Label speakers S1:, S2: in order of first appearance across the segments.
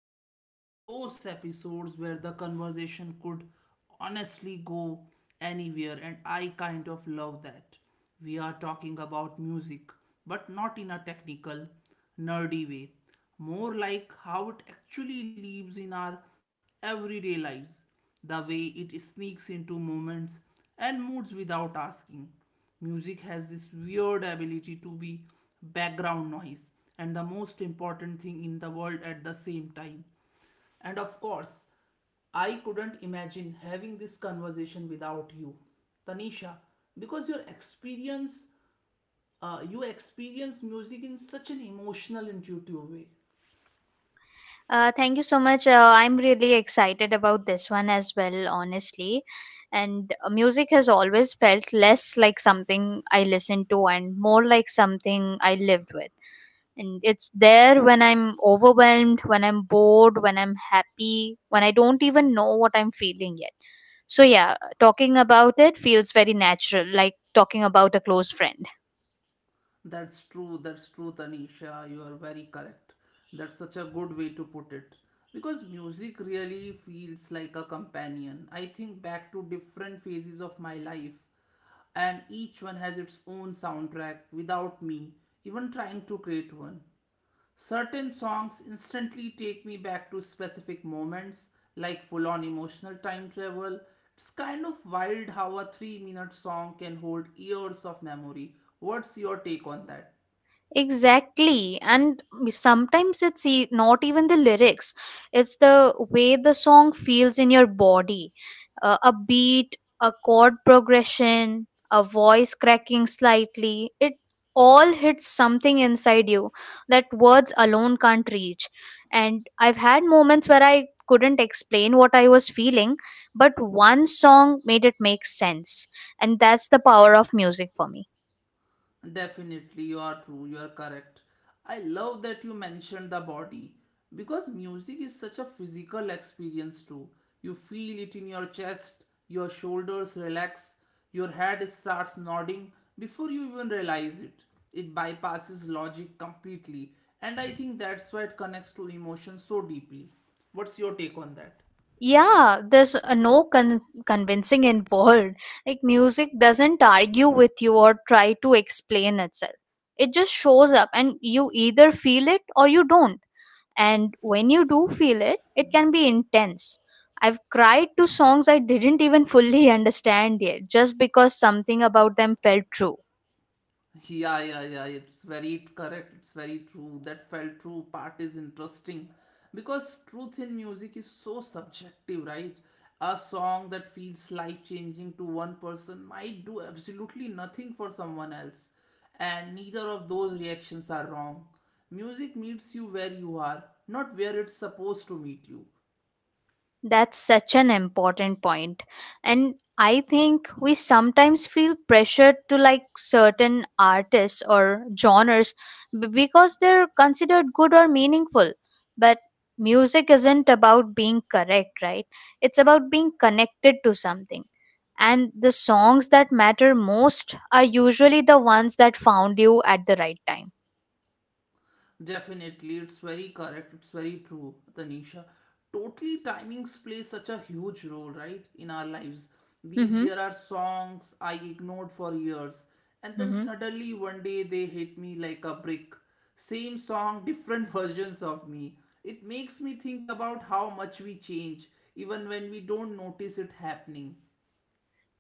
S1: like one of those episodes where the conversation could honestly go anywhere, and I kind of love that. We are talking about music, but not in a technical, nerdy way, more like how it actually lives in our everyday lives, the way it sneaks into moments and moods without asking. Music has this weird ability to be background noise and the most important thing in the world at the same time. And of course, I couldn't imagine having this conversation without you, Tanisha, because you experience music in such an emotional, intuitive way.
S2: Thank you so much. I'm really excited about this one as well, honestly. And music has always felt less like something I listened to and more like something I lived with. And it's there when I'm overwhelmed, when I'm bored, when I'm happy, when I don't even know what I'm feeling yet. So, yeah, talking about it feels very natural, like talking about a close friend.
S1: That's true, Tanisha. You are very correct. That's such a good way to put it. Because music really feels like a companion. I think back to different phases of my life, and each one has its own soundtrack without me even trying to create one. Certain songs instantly take me back to specific moments, like full on emotional time travel. It's kind of wild how a 3-minute song can hold years of memory. What's your take on that?
S2: Exactly. And sometimes it's not even the lyrics, it's the way the song feels in your body. A beat, a chord progression, a voice cracking slightly. It all hits something inside you that words alone can't reach. And I've had moments where I couldn't explain what I was feeling, but one song made it make sense. And that's the power of music for me.
S1: Definitely, you are true, you are correct. I love that you mentioned the body because music is such a physical experience too. You feel it in your chest, your shoulders relax, your head starts nodding before you even realize it. It bypasses logic completely, and I think that's why it connects to emotion so deeply. What's your take on that?
S2: Yeah, there's no convincing involved. Like, music doesn't argue with you or try to explain itself. It just shows up, and you either feel it or you don't. And when you do feel it, it can be intense. I've cried to songs I didn't even fully understand yet, just because something about them felt true.
S1: Yeah, yeah, yeah. It's very correct. It's very true. That felt true part is interesting because truth in music is so subjective, right? A song that feels life changing to one person might do absolutely nothing for someone else, and neither of those reactions are wrong. Music meets you where you are, not where it's supposed to meet you.
S2: That's such an important point. And I think we sometimes feel pressured to like certain artists or genres because they're considered good or meaningful. But music isn't about being correct, right? It's about being connected to something. And the songs that matter most are usually the ones that found you at the right time.
S1: Definitely, it's very correct. It's very true, Tanisha. Totally, timings play such a huge role, right, in our lives. These
S2: Mm-hmm.
S1: there are songs I ignored for years, and then
S2: Mm-hmm.
S1: suddenly one day they hit me like a brick. Same song, different versions of me. It makes me think about how much we change, even when we don't notice it happening.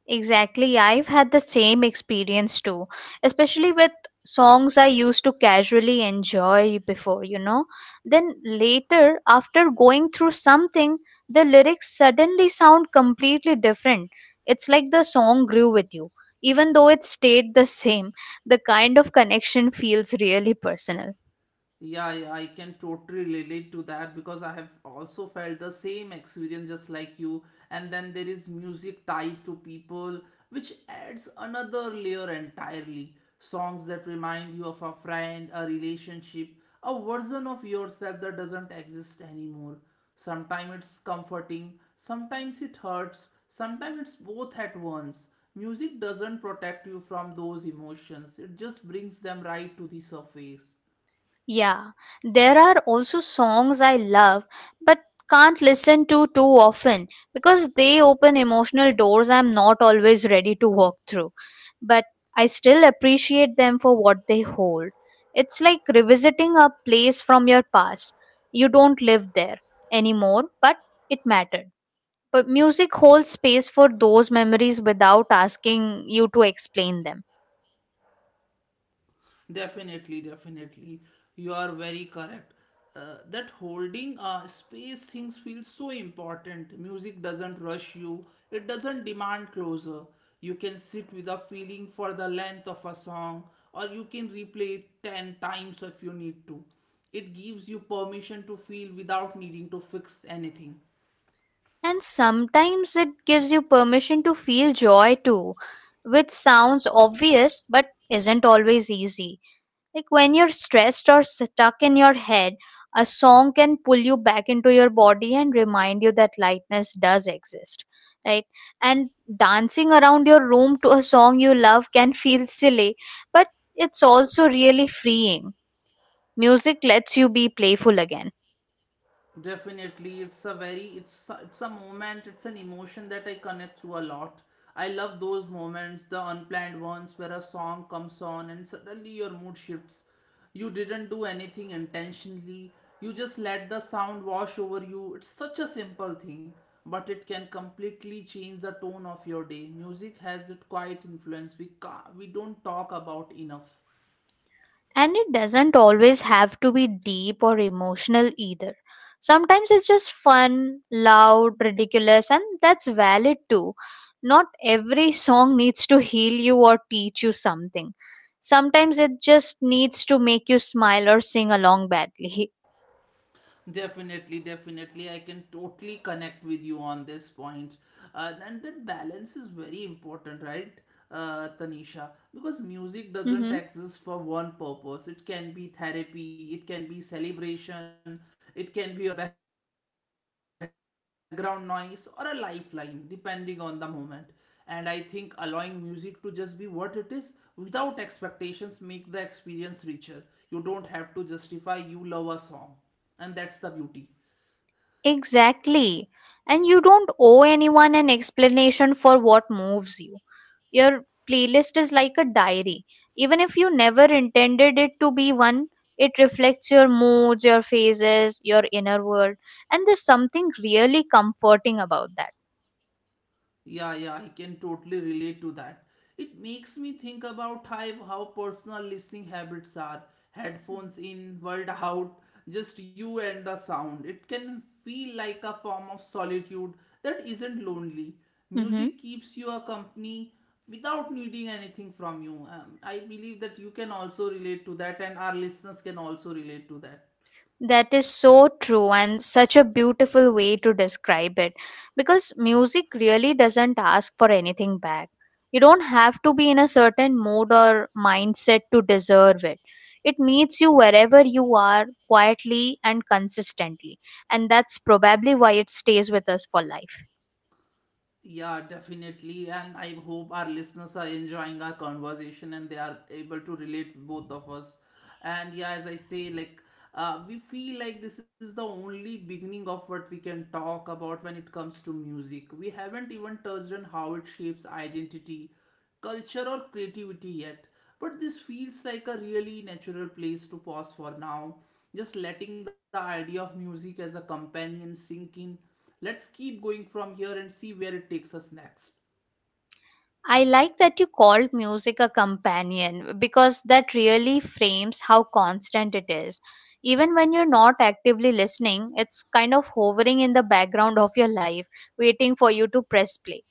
S2: Exactly. I've had the same experience too, especially with songs I used to casually enjoy before. Then later, after going through something, the lyrics suddenly sound completely different. It's like the song grew with you, even though it stayed the same. The kind of connection feels really personal.
S1: Yeah, yeah, I can totally relate to that because I have also felt the same experience just like you. And then there is music tied to people, which adds another layer entirely. Songs that remind you of a friend, a relationship, a version of yourself that doesn't exist anymore. Sometimes it's comforting, sometimes it hurts, sometimes it's both at once. Music doesn't protect you from those emotions, it just brings them right to the surface.
S2: Yeah, there are also songs I love but can't listen to too often because they open emotional doors I'm not always ready to walk through. But I still appreciate them for what they hold. It's like revisiting a place from your past. You don't live there anymore, but it mattered. But music holds space for those memories without asking you to explain them.
S1: Definitely, definitely. You are very correct. That holding space things feels so important. Music doesn't rush you, it doesn't demand closure. You can sit with a feeling for the length of a song, or you can replay it 10 times if you need to. It gives you permission to feel without needing to fix anything.
S2: And sometimes it gives you permission to feel joy too, which sounds obvious but isn't always easy. Like when you're stressed or stuck in your head, a song can pull you back into your body and remind you that lightness does exist, right? And dancing around your room to a song you love can feel silly, but it's also really freeing. Music lets you be playful again.
S1: Definitely, it's a moment. It's an emotion that I connect to a lot. I love those moments, the unplanned ones where a song comes on and suddenly your mood shifts. You didn't do anything intentionally. You just let the sound wash over you. It's such a simple thing, but it can completely change the tone of your day. Music has that quiet influence we don't talk about enough.
S2: And it doesn't always have to be deep or emotional either. Sometimes it's just fun, loud, ridiculous, and that's valid too. Not every song needs to heal you or teach you something. Sometimes it just needs to make you smile or sing along badly.
S1: Definitely, definitely. I can totally connect with you on this point. And that balance is very important, right, Tanisha? Because music doesn't
S2: Hmm.
S1: exist for one purpose. It can be therapy, it can be celebration, it can be your background noise or a lifeline, depending on the moment. And I think allowing music to just be what it is without expectations make the experience richer. You don't have to justify you love a song and that's the beauty.
S2: Exactly. And you don't owe anyone an explanation for what moves you. Your playlist is like a diary. Even if you never intended it to be one, it reflects your moods, your phases, your inner world. And there's something really comforting about that.
S1: Yeah, yeah, I can totally relate to that. It makes me think about how personal listening habits are. Headphones in, world out, just you and the sound. It can feel like a form of solitude that isn't lonely.
S2: Mm-hmm.
S1: Music keeps you a company without needing anything from you. I believe that you can also relate to that, and our listeners can also relate to that.
S2: That is so true, and such a beautiful way to describe it because music really doesn't ask for anything back. You don't have to be in a certain mood or mindset to deserve it. It meets you wherever you are, quietly and consistently, and that's probably why it stays with us for life.
S1: Yeah, definitely. And I hope our listeners are enjoying our conversation and they are able to relate both of us. And yeah, as I say, like, we feel like this is the only beginning of what we can talk about when it comes to music. We haven't even touched on how it shapes identity, culture, or creativity yet. But this feels like a really natural place to pause for now. Just letting the idea of music as a companion sink in. Let's keep going from here and see where it takes us next.
S2: I like that you called music a companion because that really frames how constant it is. Even when you're not actively listening, it's kind of hovering in the background of your life, waiting for you to press play.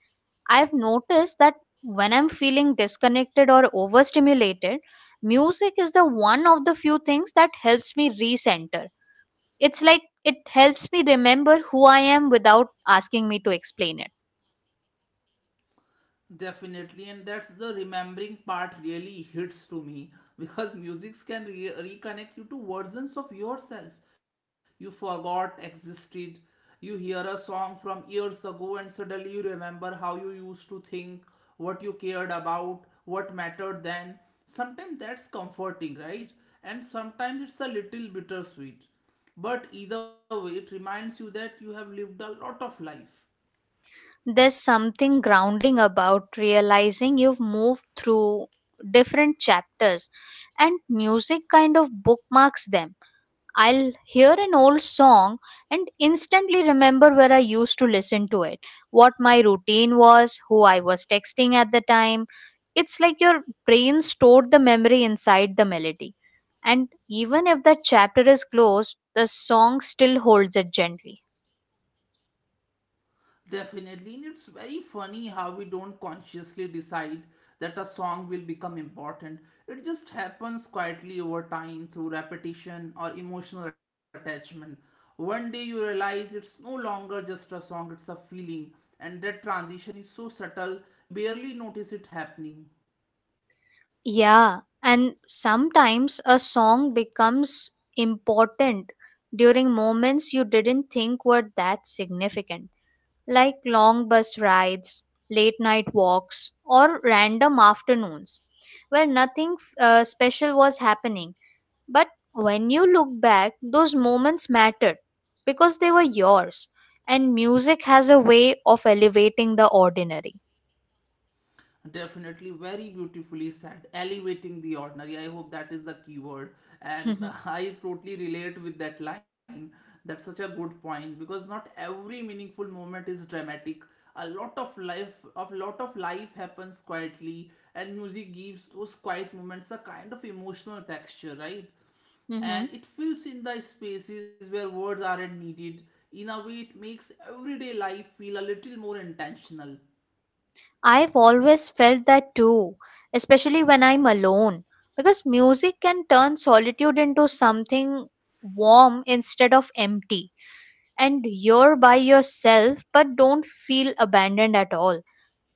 S2: I've noticed that when I'm feeling disconnected or overstimulated, music is the one of the few things that helps me recenter. It's like it helps me remember who I am without asking me to explain it.
S1: Definitely, and that's the remembering part really hits to me because musics can reconnect you to versions of yourself you forgot existed. You hear a song from years ago, and suddenly you remember how you used to think, what you cared about, what mattered then. Sometimes that's comforting, right? And sometimes it's a little bittersweet. But either way, it reminds you that you have lived a lot of life.
S2: There's something grounding about realizing you've moved through different chapters, and music kind of bookmarks them. I'll hear an old song and instantly remember where I used to listen to it, what my routine was, who I was texting at the time. It's like your brain stored the memory inside the melody. And even if that chapter is closed, the song still holds it gently.
S1: Definitely, and it's very funny how we don't consciously decide that a song will become important. It just happens quietly over time through repetition or emotional attachment. One day you realize it's no longer just a song, it's a feeling, and that transition is so subtle you barely notice it happening.
S2: Yeah, and sometimes a song becomes important during moments you didn't think were that significant, like long bus rides, late night walks, or random afternoons where nothing special was happening. But when you look back, those moments mattered because they were yours, and music has a way of elevating the ordinary.
S1: Definitely, very beautifully said, elevating the ordinary. I hope that is the keyword. And I totally relate with that line. That's such a good point because not every meaningful moment is dramatic. A lot of life happens quietly, and music gives those quiet moments a kind of emotional texture, right? And
S2: Hmm.
S1: it fills in the spaces where words aren't needed. In a way, it makes everyday life feel a little more intentional.
S2: I've always felt that too, especially when I'm alone, because music can turn solitude into something warm instead of empty. And you're by yourself, but don't feel abandoned at all.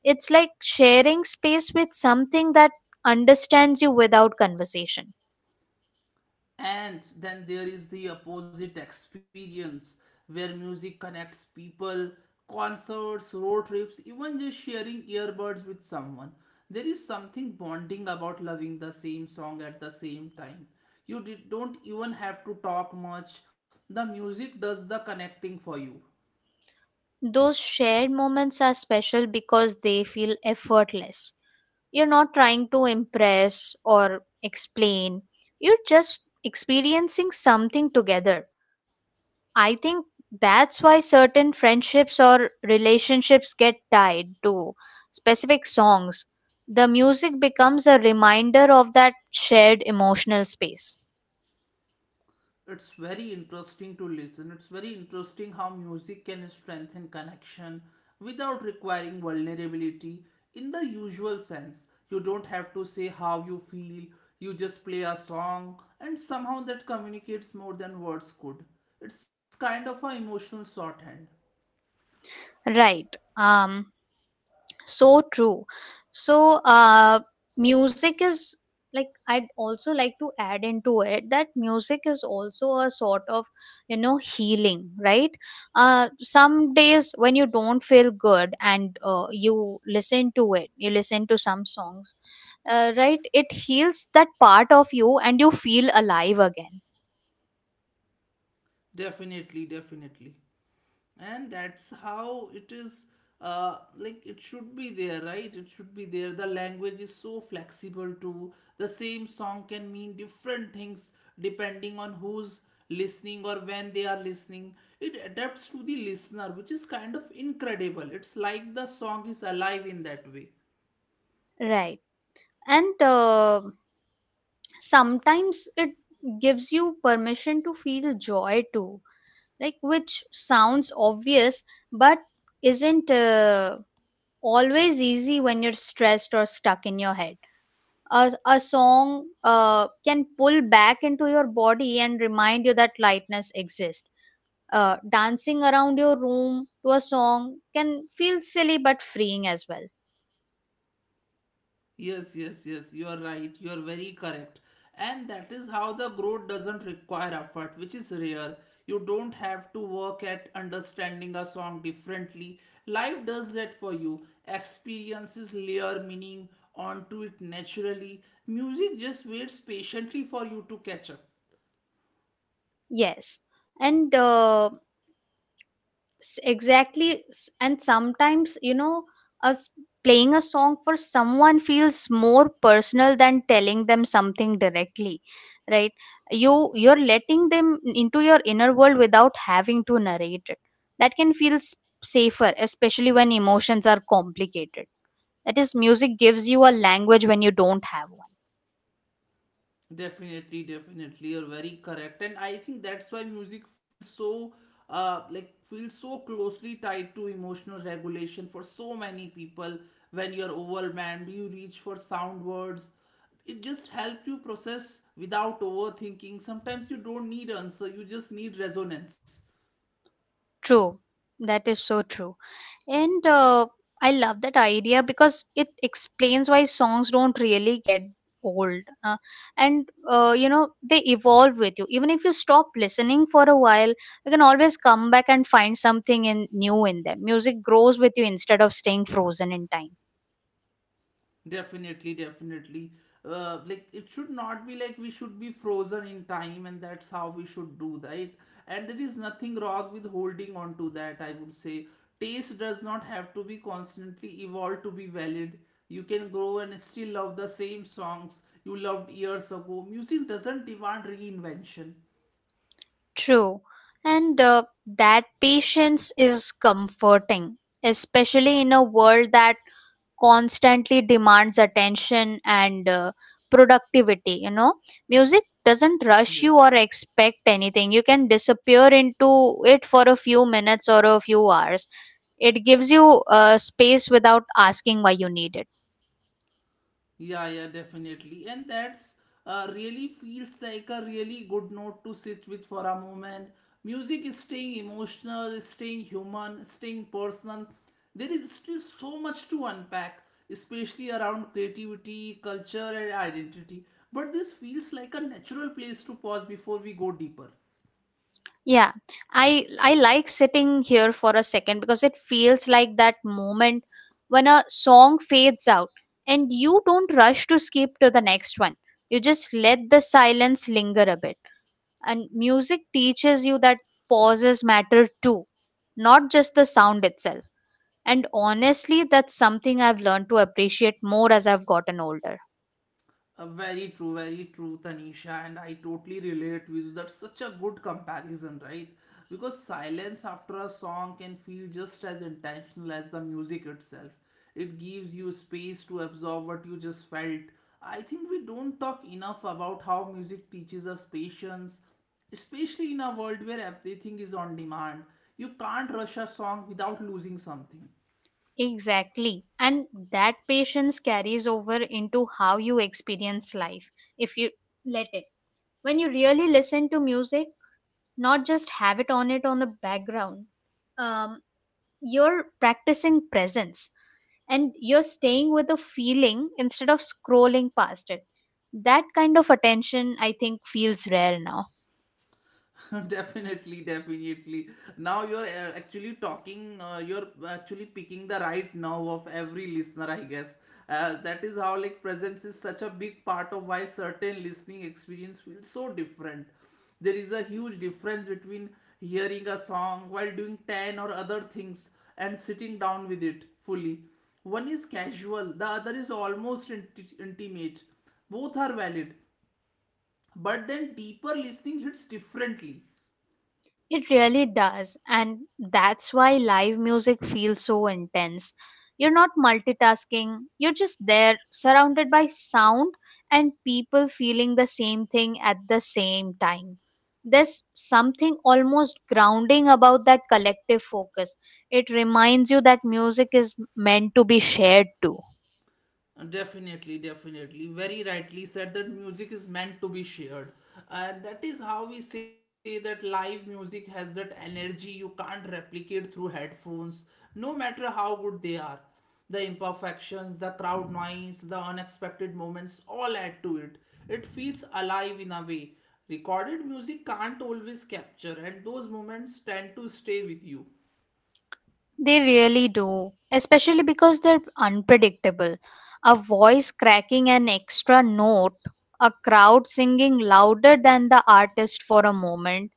S2: It's like sharing space with something that understands you without conversation.
S1: And then there is the opposite experience where music connects people, concerts, road trips, even just sharing earbuds with someone. There is something bonding about loving the same song at the same time. You did, don't even have to talk much, the music does the connecting for you.
S2: Those shared moments are special because they feel effortless. You're not trying to impress or explain. You're just experiencing something together. I think that's why certain friendships or relationships get tied to specific songs. The music becomes a reminder of that shared emotional space.
S1: It's very interesting to listen. It's very interesting how music can strengthen connection without requiring vulnerability in the usual sense. You don't have to say how you feel, you just play a song, and somehow that communicates more than words could. It's kind of an emotional shorthand.
S2: Right. Um so true. So music is like, I'd also like to add into it that music is also a sort of, you know, healing, right? Some days when you don't feel good and you listen to it, you listen to some songs, right, it heals that part of you and you feel alive again.
S1: Definitely, definitely. And that's how it is. Like it should be there, right? It should be there. The language is so flexible too. The same song can mean different things depending on who's listening or when they are listening. It adapts to the listener, which is kind of incredible. It's like the song is alive in that way.
S2: Right. And sometimes it gives you permission to feel joy too, like, which sounds obvious but isn't always easy. When you're stressed or stuck in your head, a song can pull back into your body and remind you that lightness exists. Dancing around your room to a song can feel silly but freeing as well.
S1: Yes, yes, yes, you are right. You are very correct. And that is how the growth doesn't require effort, which is rare. You don't have to work at understanding a song differently. Life does that for you. Experiences layer meaning onto it naturally. Music just waits patiently for you to catch up.
S2: Yes. And exactly, and sometimes, you know, us playing a song for someone feels more personal than telling them something directly, right? You're letting them into your inner world without having to narrate it. That can feel safer, especially when emotions are complicated. That is, music gives you a language when you don't have one.
S1: Definitely, definitely, you're very correct, and I think that's why music feels so, feels so closely tied to emotional regulation for so many people. When you're overwhelmed, you reach for sound words. It just helps you process without overthinking. Sometimes you don't need answer; you just need resonance.
S2: True. That is so true. And I love that idea because it explains why songs don't really get old. And you know, they evolve with you. Even if you stop listening for a while, you can always come back and find something new in them. Music grows with you instead of staying frozen in time.
S1: Definitely, definitely. Like it should not be like we should be frozen in time, and that's how we should do right. And there is nothing wrong with holding on to that. I would say taste does not have to be constantly evolved to be valid. You can grow and still love the same songs you loved years ago. Music doesn't demand reinvention.
S2: True. And that patience is comforting, especially in a world that constantly demands attention and productivity, you know. Music doesn't rush
S1: Yeah.
S2: you or expect anything. You can disappear into it for a few minutes or a few hours. It gives you space without asking why you need it.
S1: Yeah, yeah, definitely. And that's really feels like a really good note to sit with for a moment. Music is staying emotional, is staying human, staying personal. There is still so much to unpack, especially around creativity, culture, and identity. But this feels like a natural place to pause before we go deeper.
S2: Yeah, I like sitting here for a second because it feels like that moment when a song fades out and you don't rush to skip to the next one. You just let the silence linger a bit, and music teaches you that pauses matter too, not just the sound itself. And honestly, that's something I've learned to appreciate more as I've gotten older.
S1: Very true, very true, Tanisha, and I totally relate with you. That's such a good comparison, right? Because silence after a song can feel just as intentional as the music itself. It gives you space to absorb what you just felt. I think we don't talk enough about how music teaches us patience, especially in a world where everything is on demand. You can't rush a song without losing something.
S2: Exactly. And that patience carries over into how you experience life if you let it. When you really listen to music, not just have it on the background, um you're practicing presence, and you're staying with the feeling instead of scrolling past it. That kind of attention, I think, feels rare now.
S1: definitely definitely Now you're actually talking, you're actually picking the right nerve of every listener I guess. That is how like presence is such a big part of why certain listening experience feels so different. There is a huge difference between hearing a song while doing 10 or other things and sitting down with it fully. One is casual, the other is almost intimate. Both are valid, but then deeper listening hits differently.
S2: It really does, and that's why live music feels so intense. You're not multitasking, you're just there, surrounded by sound and people feeling the same thing at the same time. There's something almost grounding about that collective focus. It reminds you that music is meant to be shared too.
S1: Definitely, definitely. Very rightly said that music is meant to be shared. That is how we say that live music has that energy you can't replicate through headphones, no matter how good they are. The imperfections, the crowd noise, the unexpected moments all add to it. It feels alive in a way. Recorded music can't always capture, and those moments tend to stay with you.
S2: They really do, especially because they're unpredictable. A voice cracking an extra note, a crowd singing louder than the artist for a moment,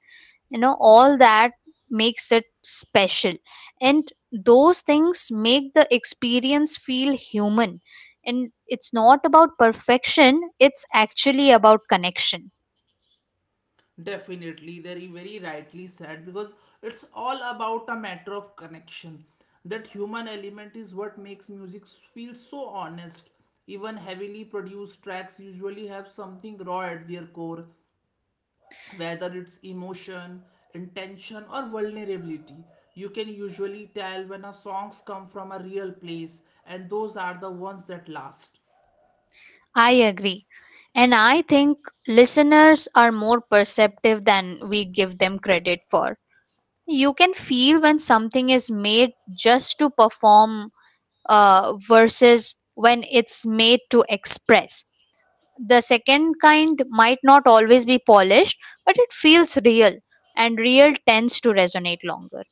S2: you know, all that makes it special. And those things make the experience feel human. And it's not about perfection, it's actually about connection.
S1: Definitely, very, very rightly said because it's all about a matter of connection. That human element is what makes music feel so honest. Even heavily produced tracks usually have something raw at their core, whether it's emotion, intention, or vulnerability. You can usually tell when a songs come from a real place, and those are the ones that last.
S2: I agree. And I think listeners are more perceptive than we give them credit for. You can feel when something is made just to perform versus when it's made to express. The second kind might not always be polished, but it feels real, and real tends to resonate longer.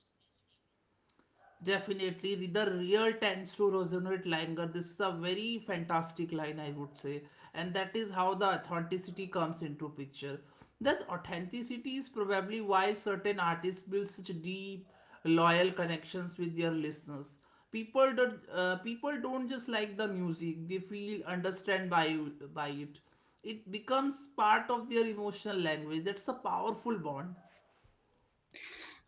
S1: Definitely, the real tends to resonate longer. This is a very fantastic line, I would say, and that is how the authenticity comes into picture. That authenticity is probably why certain artists build such deep, loyal connections with their listeners. People do, people don't just like the music; they feel understand by it. It becomes part of their emotional language. That's a powerful bond.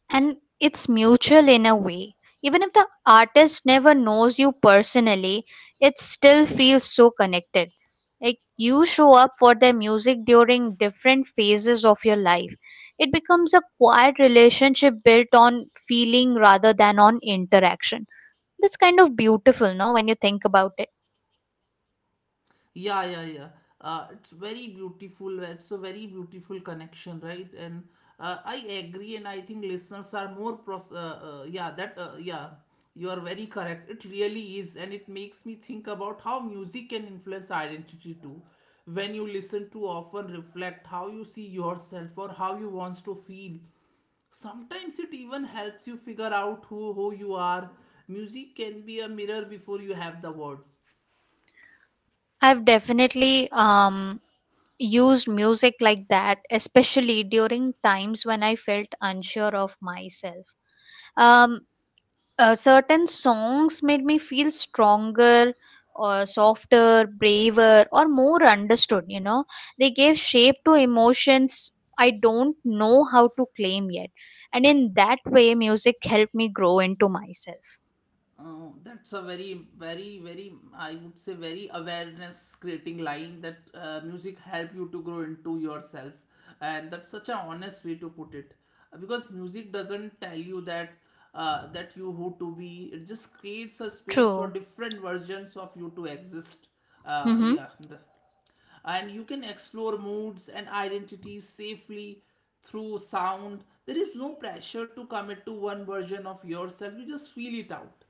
S2: And it's mutual in a way, even if the artist never knows you personally, it still feels so connected. Like, you show up for their music during different phases of your life. It becomes a quiet relationship built on feeling rather than on interaction. That's kind of beautiful, no, when you think about it.
S1: Yeah, yeah, yeah. It's very beautiful. It's a very beautiful connection, right? And I agree, and I think listeners are more pros. Yeah, that. Yeah, you are very correct. It really is, and it makes me think about how music can influence identity too. When you listen to, often reflect how you see yourself or how you wants to feel. Sometimes it even helps you figure out who you are. Music can be a mirror before you have the words.
S2: I've definitely used music like that, especially during times when I felt unsure of myself. um Certain songs made me feel stronger or softer, braver or more understood, you know. They gave shape to emotions I don't know how to claim yet, and in that way music helped me grow into myself.
S1: Oh, that's a very, very, very, I would say, very awareness creating line that music help you to grow into yourself. And that's such an honest way to put it. Because music doesn't tell you that you who to be. It just creates a space for
S2: True.
S1: different versions of you to exist.
S2: Mm-hmm.
S1: Yeah. And you can explore moods and identities safely through sound. There is no pressure to commit to one version of yourself, you just feel it out.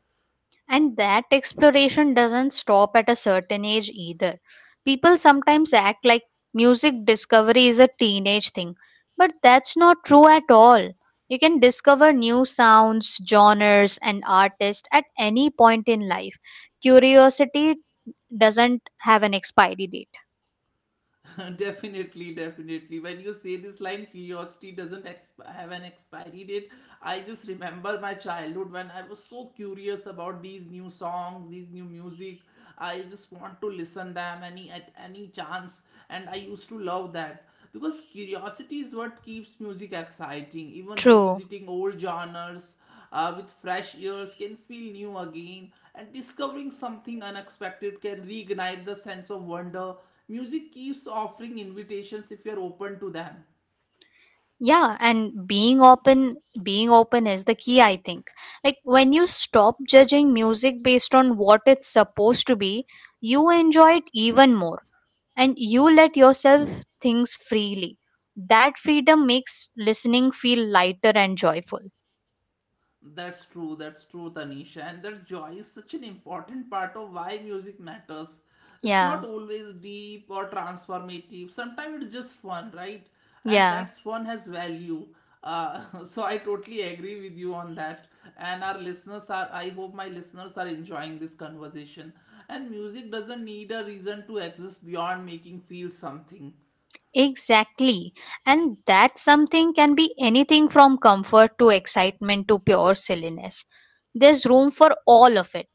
S2: And that exploration doesn't stop at a certain age either. People sometimes act like music discovery is a teenage thing, but that's not true at all. You can discover new sounds, genres, and artists at any point in life. Curiosity doesn't have an expiry date.
S1: Definitely, definitely. When you say this line curiosity doesn't have an expiry date, I just remember my childhood when I was so curious about these new songs, these new music. I just want to listen them any at any chance, and I used to love that because curiosity is what keeps music exciting. Even
S2: True.
S1: revisiting old genres with fresh ears can feel new again, and discovering something unexpected can reignite the sense of wonder. Music keeps offering invitations if you are open to them.
S2: Yeah, and being open is the key, I think. Like, when you stop judging music based on what it's supposed to be, you enjoy it even more, and you let yourself things freely. That freedom makes listening feel lighter and joyful.
S1: That's true, Tanisha. And that joy is such an important part of why music matters. It's
S2: Yeah,
S1: not always deep or transformative, sometimes it's just fun, right? And
S2: yeah.
S1: that's fun has value. So I totally agree with you on that. And our listeners are, I hope my listeners are enjoying this conversation. And music doesn't need a reason to exist beyond making feel something.
S2: Exactly, and that something can be anything from comfort to excitement to pure silliness. There's room for all of it.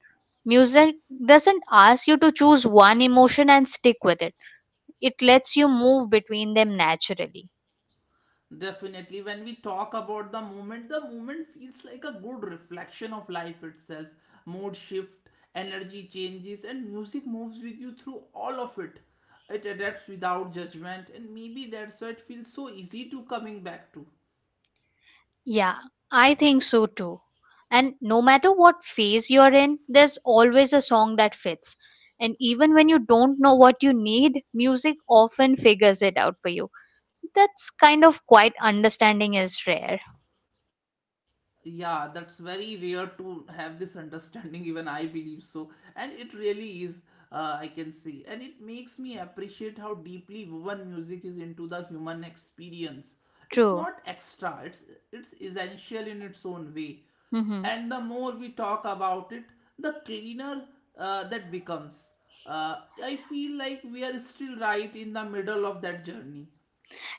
S2: Music doesn't ask you to choose one emotion and stick with it, it lets you move between them naturally.
S1: Definitely, when we talk about the moment feels like a good reflection of life itself. Mood shift, energy changes, and music moves with you through all of it. It adapts without judgment, and maybe that's why it feels so easy to coming back to.
S2: Yeah, I think so too. And no matter what phase you're in, there's always a song that fits. And even when you don't know what you need, music often figures it out for you. That's kind of quite understanding is rare.
S1: Yeah, that's very rare to have this understanding, even I believe so. And it really is. I can see, and it makes me appreciate how deeply woven music is into the human experience. It's
S2: True.
S1: not extra, it's essential in its own way.
S2: Hmm.
S1: And the more we talk about it, the cleaner that becomes. uh, I feel like we are still right in the middle of that journey.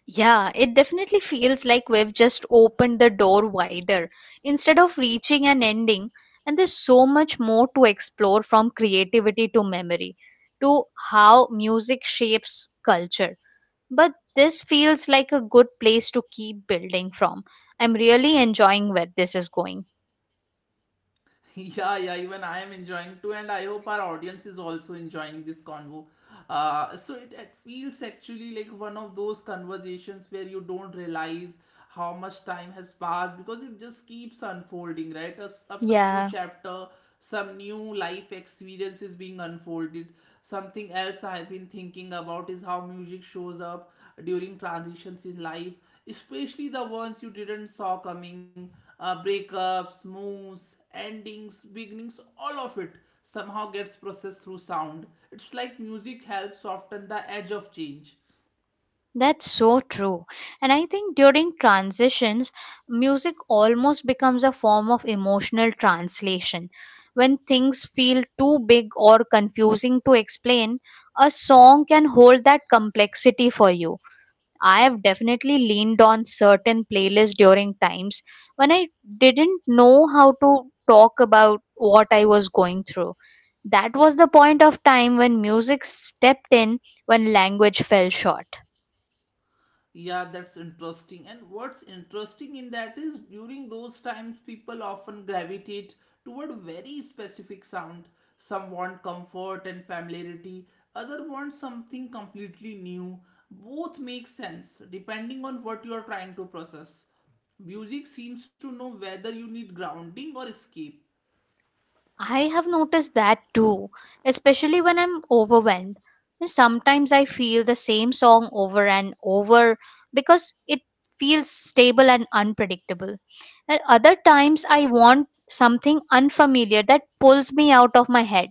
S2: Yeah, it definitely feels like we've just opened the door wider instead of reaching an ending. And there's so much more to explore, from creativity to memory to how music shapes culture. But this feels like a good place to keep building from. I'm really enjoying where this is going.
S1: Yeah, yeah, even I am enjoying too, and I hope our audience is also enjoying this convo. So it feels actually like one of those conversations where you don't realize how much time has passed because it just keeps unfolding, right? As of some new
S2: Yeah.
S1: chapter, some new life experience is being unfolded. Something else I have been thinking about is how music shows up during transitions in life, especially the ones you didn't saw coming, breakups, moves, endings, beginnings, all of it somehow gets processed through sound. It's like music helps soften the edge of change.
S2: That's so true. And I think during transitions, music almost becomes a form of emotional translation. When things feel too big or confusing to explain, a song can hold that complexity for you. I have definitely leaned on certain playlists during times when I didn't know how to talk about what I was going through. That was the point of time when music stepped in, when language fell short.
S1: Yeah, that's interesting. And what's interesting in that is during those times, people often gravitate toward very specific sound. Some want comfort and familiarity, other want something completely new. Both make sense depending on what you are trying to process. Music seems to know whether you need grounding or escape.
S2: I have noticed that too, especially when I'm overwhelmed. And sometimes I feel the same song over and over because it feels stable and unpredictable. And other times, I want something unfamiliar that pulls me out of my head.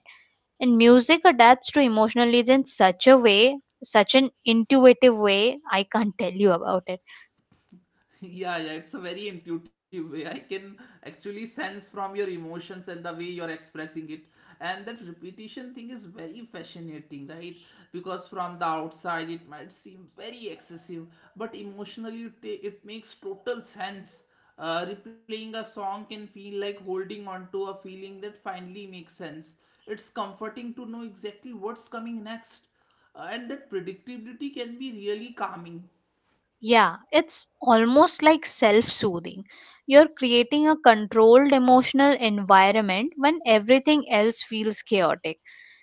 S2: And music adapts to emotional needs in such a way, such an intuitive way, I can't tell you about it.
S1: Yeah, yeah, it's a very intuitive way. I can actually sense from your emotions and the way you're expressing it. And that repetition thing is very fascinating, right? Because from the outside it might seem very excessive, but emotionally it makes total sense. Replaying a song can feel like holding on to a feeling that finally makes sense. It's comforting to know exactly what's coming next. And that predictability can be really calming.
S2: Yeah, it's almost like self soothing. You're creating a controlled emotional environment when everything else feels chaotic.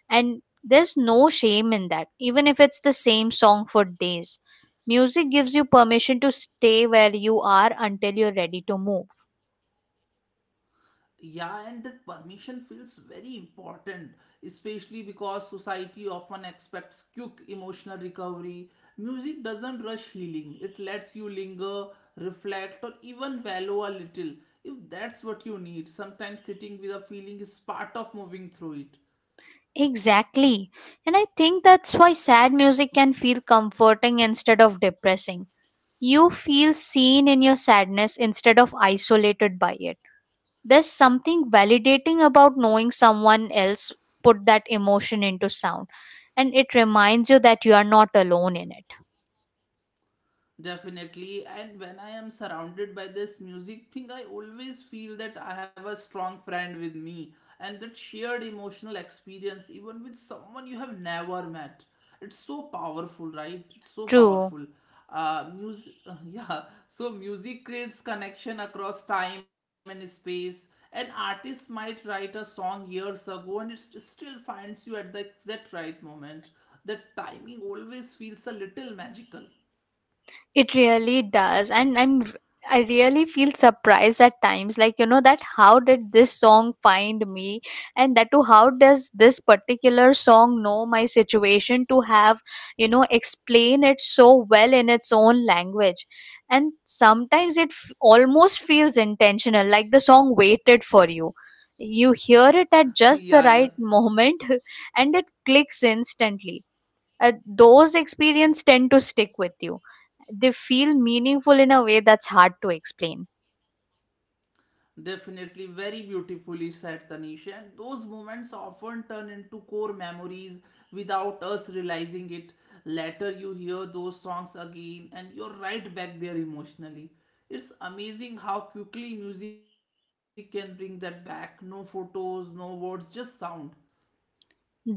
S2: And there's no shame in that, even if it's the same song for days. Music gives you permission to stay where you are until you're ready to move.
S1: Yeah, and that permission feels very important, especially because society often expects quick emotional recovery. Music doesn't rush healing, it lets you linger, reflect, or even wallow a little. If that's what you need, sometimes sitting with a feeling is part of moving through it.
S2: Exactly. And I think that's why sad music can feel comforting instead of depressing. You feel seen in your sadness instead of isolated by it. There's something validating about knowing someone else put that emotion into sound, and it reminds you that you are not alone in it.
S1: Definitely, and when I am surrounded by this music thing, I always feel that I have a strong friend with me, and that shared emotional experience, even with someone you have never met, it's so powerful, right? It's so
S2: True.
S1: powerful. Music, yeah. So music creates connection across time and space. An artist might write a song years ago, and it still finds you at the exact right moment. The timing always feels a little magical.
S2: It really does. And I'm r- I am I really feel surprised at times, like, you know, that how did this song find me? And that too, how does this particular song know my situation to have, you know, explain it so well in its own language? And sometimes it almost feels intentional, like the song waited for you. You hear it at just
S1: Yeah,
S2: the
S1: yeah.
S2: right moment and it clicks instantly. Those experiences tend to stick with you. They feel meaningful in a way that's hard to explain.
S1: Definitely very beautifully said, Tanisha. And those moments often turn into core memories without us realizing it. Later, you hear those songs again, and you're right back there emotionally. It's amazing how quickly music can bring that back. No photos, no words, just sound.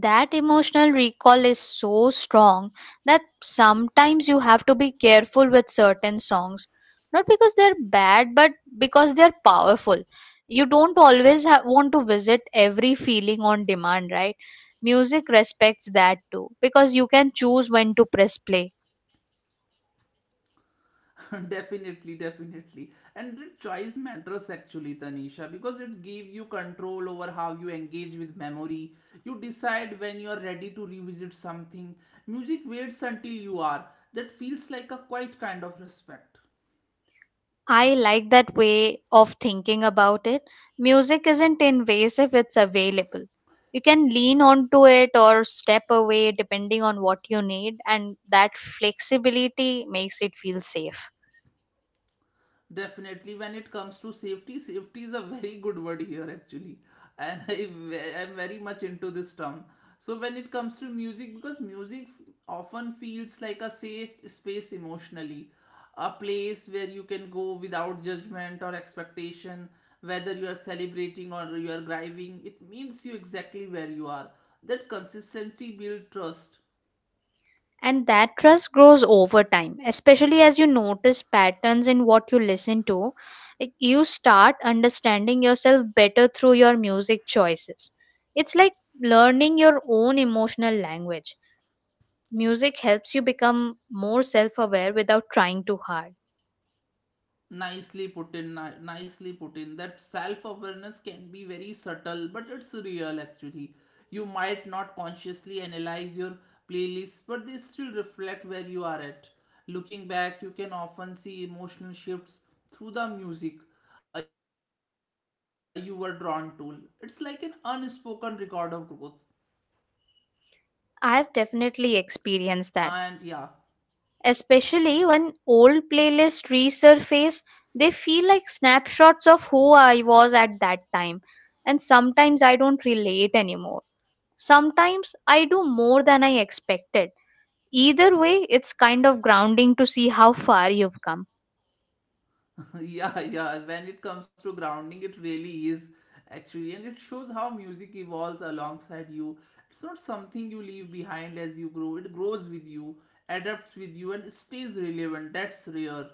S2: That emotional recall is so strong that sometimes you have to be careful with certain songs, not because they're bad, but because they're powerful. You don't always want to visit every feeling on demand, right? Music respects that too, because you can choose when to press play.
S1: Definitely, definitely. And the choice matters actually, Tanisha, because it gives you control over how you engage with memory. You decide when you are ready to revisit something. Music waits until you are. That feels like a quiet kind of respect.
S2: I like that way of thinking about it. Music isn't invasive, it's available. You can lean onto it or step away depending on what you need, and that flexibility makes it feel safe.
S1: Definitely, when it comes to safety, safety is a very good word here actually, and I am very much into this term. So when it comes to music, because music often feels like a safe space emotionally, a place where you can go without judgment or expectation, whether you are celebrating or you are grieving. It means you exactly where you are. That consistency builds trust.
S2: And that trust grows over time, especially as you notice patterns in what you listen to. Like, you start understanding yourself better through your music choices. It's like learning your own emotional language. Music helps you become more self aware without trying too hard.
S1: Nicely put in that self awareness can be very subtle, but it's real actually. You might not consciously analyze your playlists, but they still reflect where you are at. Looking back, you can often see emotional shifts through the music you were drawn to. It's like an unspoken record of growth.
S2: I have definitely
S1: And yeah.
S2: experienced that, especially when old playlists resurface. They feel like snapshots of who I was at that time, and sometimes I don't relate anymore. Sometimes I do more than I expected. Either way, it's kind of grounding to see how far you've come.
S1: Yeah, yeah, when it comes to grounding, it really is actually, and it shows how music evolves alongside you. It's not something you leave behind as you grow. It grows with you, adapts with you, and stays relevant. That's rare.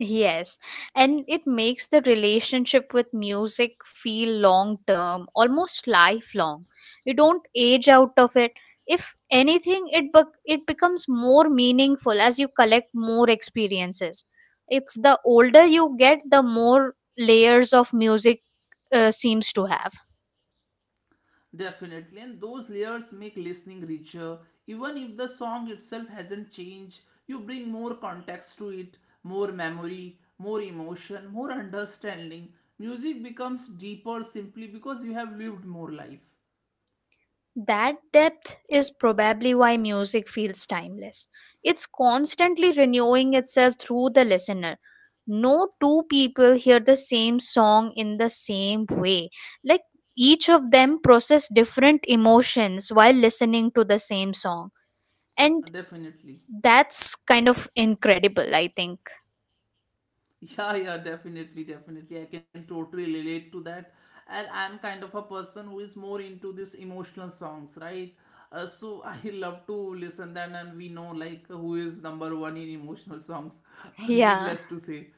S2: Yes, and it makes the relationship with music feel long term, almost lifelong. You don't age out of it. If anything, it it becomes more meaningful as you collect more experiences. It's the older you get, the more layers of music seems to have.
S1: Definitely, and those layers make listening richer even if the song itself hasn't changed. You bring more context to it, more memory, more emotion, more understanding. Music becomes deeper simply because you have lived more life.
S2: That depth is probably why music feels timeless. It's constantly renewing itself through the listener. No two people hear the same song in the same way. Like, each of them process different emotions while listening to the same song. And
S1: Definitely.
S2: that's kind of incredible, I think.
S1: Yeah, yeah, definitely, definitely. I can totally relate to that. And I'm kind of a person who is more into this emotional songs, right? So I love to listen that, and we know like who is number one in emotional songs.
S2: Yeah.
S1: Needless to say.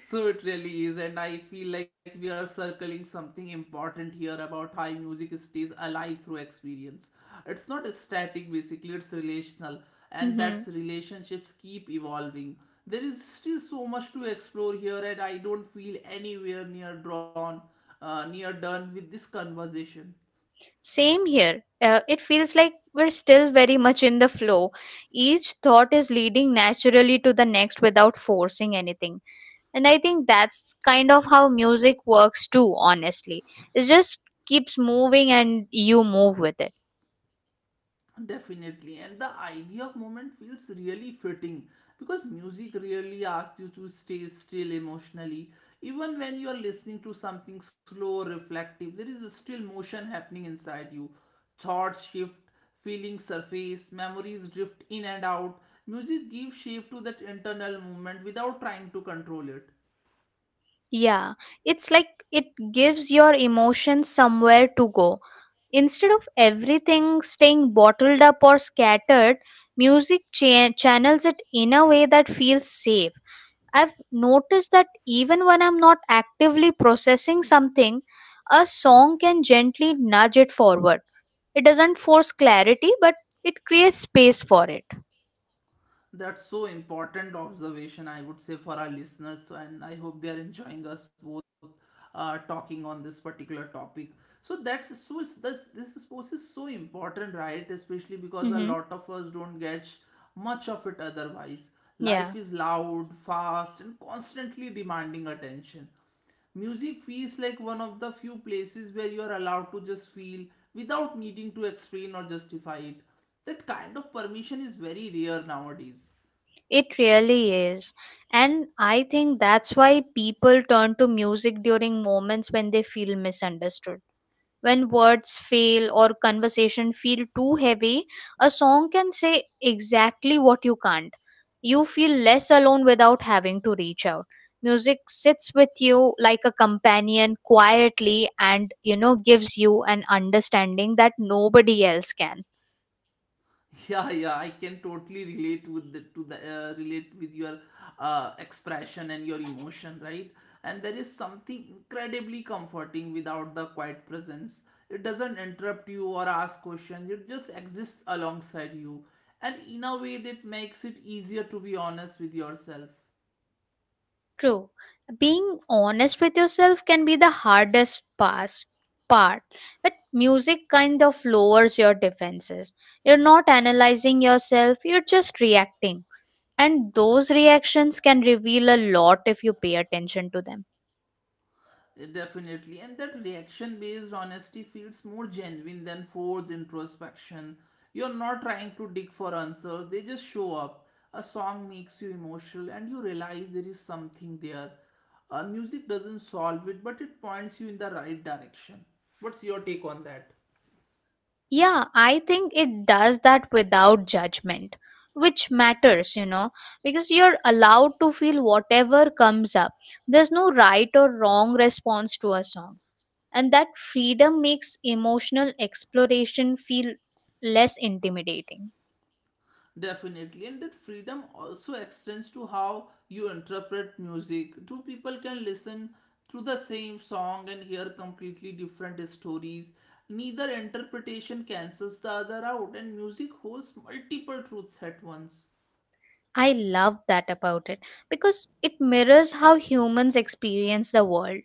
S1: So it really is, and I feel like we are circling something important here about how music stays alive through experience. It's not static, basically it's relational, and that's
S2: Hmm.
S1: relationships keep evolving. There is still so much to explore here, and I don't feel anywhere near drawn near done with this conversation.
S2: Same here. It feels like we're still very much in the flow. Each thought is leading naturally to the next without forcing anything. And I think that's kind of how music works too, honestly. It just keeps moving and you move with it.
S1: Definitely, and the idea of moment feels really fitting because music really asks you to stay still emotionally. Even when you are listening to something slow or reflective, there is still motion happening inside you. Thoughts shift, feelings surface, memories drift in and out. Music gives shape to that internal movement without trying to control it.
S2: Yeah, it's like it gives your emotions somewhere to go. Instead of everything staying bottled up or scattered, music channels it in a way that feels safe. I've noticed that even when I'm not actively processing something, a song can gently nudge it forward. It doesn't force clarity, but it creates space for it.
S1: That's so important observation, I would say, for our listeners. So, and I hope they are enjoying us both talking on this particular topic. So that's so is- that's this is post is so important, right? Especially because a
S2: Hmm.
S1: lot of us don't get much of it otherwise. Life
S2: Yeah,
S1: is loud, fast, and constantly demanding attention. Music feels like one of the few places where you are allowed to just feel without needing to explain or justify it. That kind of permission is very rare nowadays.
S2: it really is. And I think that's why people turn to music during moments when they feel misunderstood. When words fail or conversation feel too heavy, a song can say exactly what you can't. You feel less alone without having to reach out. Music sits with you like a companion quietly and, you know, gives you an understanding that nobody else can.
S1: Yeah, yeah, I can totally relate with the, to the relate with your expression and your emotion, right? And there is something incredibly comforting without the quiet presence. It doesn't interrupt you or ask questions. It just exists alongside you, and in a way that makes it easier to be honest with yourself.
S2: True. Being honest with yourself can be the hardest part, but music kind of lowers your defenses. You're not analyzing yourself, you're just reacting, and those reactions can reveal a lot if you pay attention to them.
S1: Definitely, and that reaction based honesty feels more genuine than forced introspection. You're not trying to dig for answers, they just show up. A song makes you emotional, and you realize there is something there. Music doesn't solve it, but it points you in the right direction. What's your take on that?
S2: Yeah, I think it does that without judgment, which matters, you know, because you're allowed to feel whatever comes up. There's no right or wrong response to a song, and that freedom makes emotional exploration feel less intimidating.
S1: Definitely, and that freedom also extends to how you interpret music. Two people can listen to the same song and hear completely different stories. Neither interpretation cancels the other out, and music holds multiple truths at once.
S2: I love that about it because it mirrors how humans experience the world.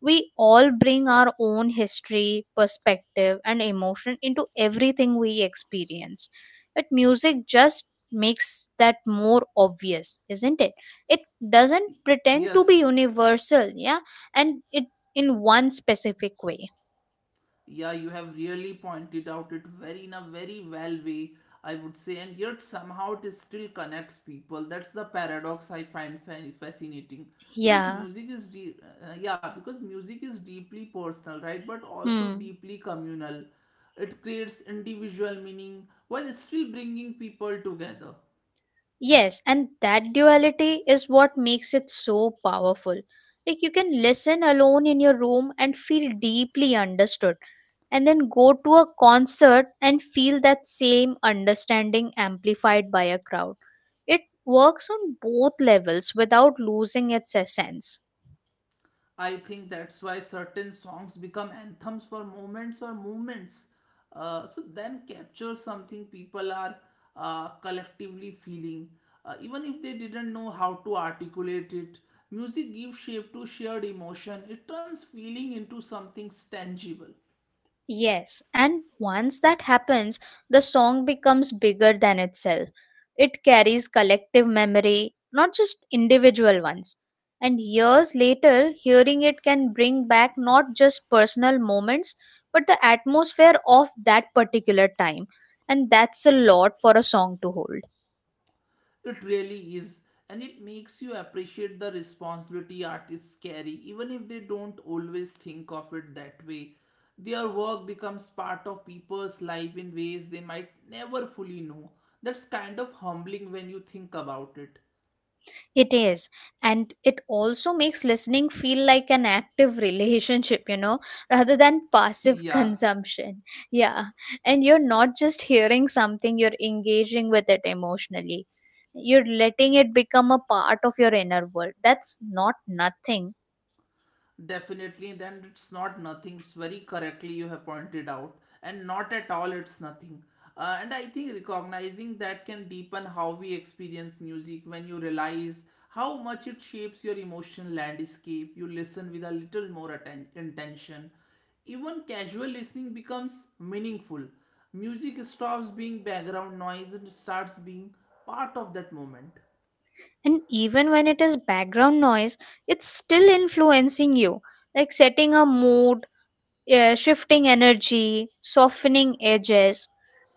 S2: We all bring our own history, perspective, and emotion into everything we experience. But music just makes that more obvious, isn't it? It doesn't pretend to be
S1: Yes.
S2: universal, yeah, and it in one specific way.
S1: Yeah, you have really pointed out it very in a very well way, I would say, and yet somehow it is still connects people. That's the paradox I find fascinating, because
S2: Yeah.
S1: music is de- yeah because music is deeply personal, right, but also
S2: Hmm.
S1: deeply communal. It creates individual meaning while still bringing people together.
S2: Yes, and that duality is what makes it so powerful. Like, you can listen alone in your room and feel deeply understood, and then go to a concert and feel that same understanding amplified by a crowd. It works on both levels without losing its essence.
S1: I think that's why certain songs become anthems for moments or movements. So then capture something people are collectively feeling, even if they didn't know how to articulate it. Music gives shape to shared emotion. It turns feeling into something tangible.
S2: Yes, and once that happens, the song becomes bigger than itself. It carries collective memory, not just individual ones. And years later, hearing it can bring back not just personal moments, but the atmosphere of that particular time. And that's a lot for a song to hold.
S1: It really is, and it makes you appreciate the responsibility artists carry, even if they don't always think of it that way. Their work becomes part of people's life in ways they might never fully know. That's kind of humbling when you think about it.
S2: It is. And it also makes listening feel like an active relationship, you know, rather than passive
S1: Yeah.
S2: consumption. Yeah. And you're not just hearing something, you're engaging with it emotionally. You're letting it become a part of your inner world. That's not nothing.
S1: Definitely, then it's not nothing. It's very correctly you have pointed out, and not at all it's nothing. And I think recognizing that can deepen how we experience music when you realize how much it shapes your emotional landscape. You listen with a little more intention. Even casual listening becomes meaningful. Music stops being background noise and starts being part of that moment.
S2: And even when it is background noise, it's still influencing you, like setting a mood, yeah, shifting energy, softening edges.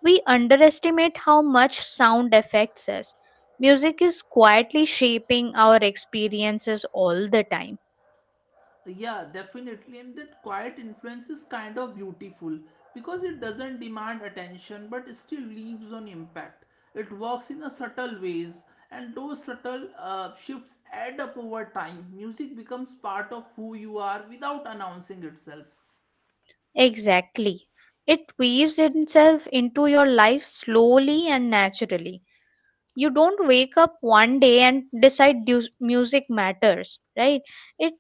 S2: We underestimate how much sound affects us. Music is quietly shaping our experiences all the time.
S1: Yeah, definitely. And that quiet influence is kind of beautiful because it doesn't demand attention but it still leaves on impact. It works in a subtle ways, and those subtle shifts add up over time. Music becomes part of who you are without announcing itself.
S2: Exactly. It weaves itself into your life slowly and naturally. You don't wake up one day and decide music matters, right? It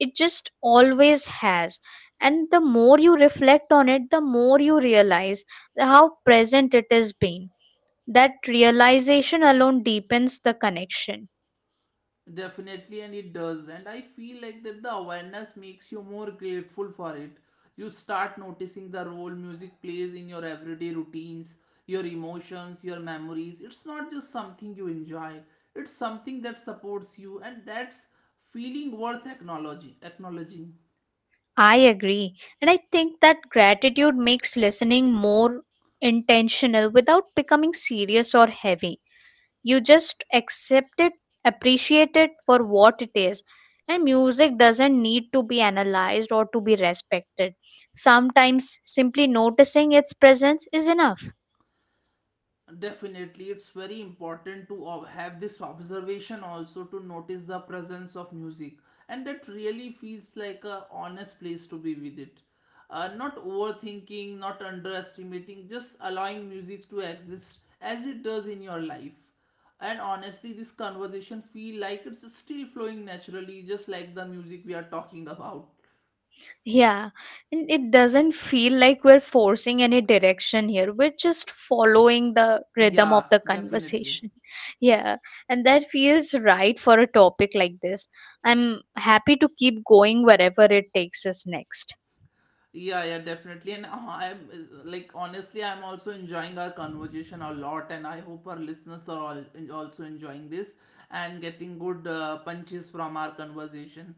S2: it just always has, and the more you reflect on it, the more you realize how present it has been. That realization alone deepens the connection.
S1: Definitely, and it does. And I feel like that the awareness makes you more grateful for it. You start noticing the role music plays in your everyday routines, your emotions, your memories. It's not just something you enjoy, it's something that supports you, and that's feeling worth acknowledging.
S2: I agree, and I think that gratitude makes listening more intentional without becoming serious or heavy. You just accept it, appreciate it for what it is, and music doesn't need to be analyzed or to be respected. Sometimes simply noticing its presence is enough.
S1: Definitely, it's very important to have this observation also to notice the presence of music, and that really feels like a honest place to be with it. Not overthinking, not underestimating, just allowing music to exist as it does in your life. And honestly, this conversation feel like it's still flowing naturally, just like the music we are talking about.
S2: Yeah, and it doesn't feel like we're forcing any direction here, we're just following the rhythm of
S1: Yeah,
S2: the
S1: definitely.
S2: conversation. Yeah, and that feels right for a topic like this. I'm happy to keep going wherever it takes us next.
S1: Yeah, yeah, definitely. And honestly, I'm also enjoying our conversation a lot, and I hope our listeners are all also enjoying this and getting good punches from our conversation.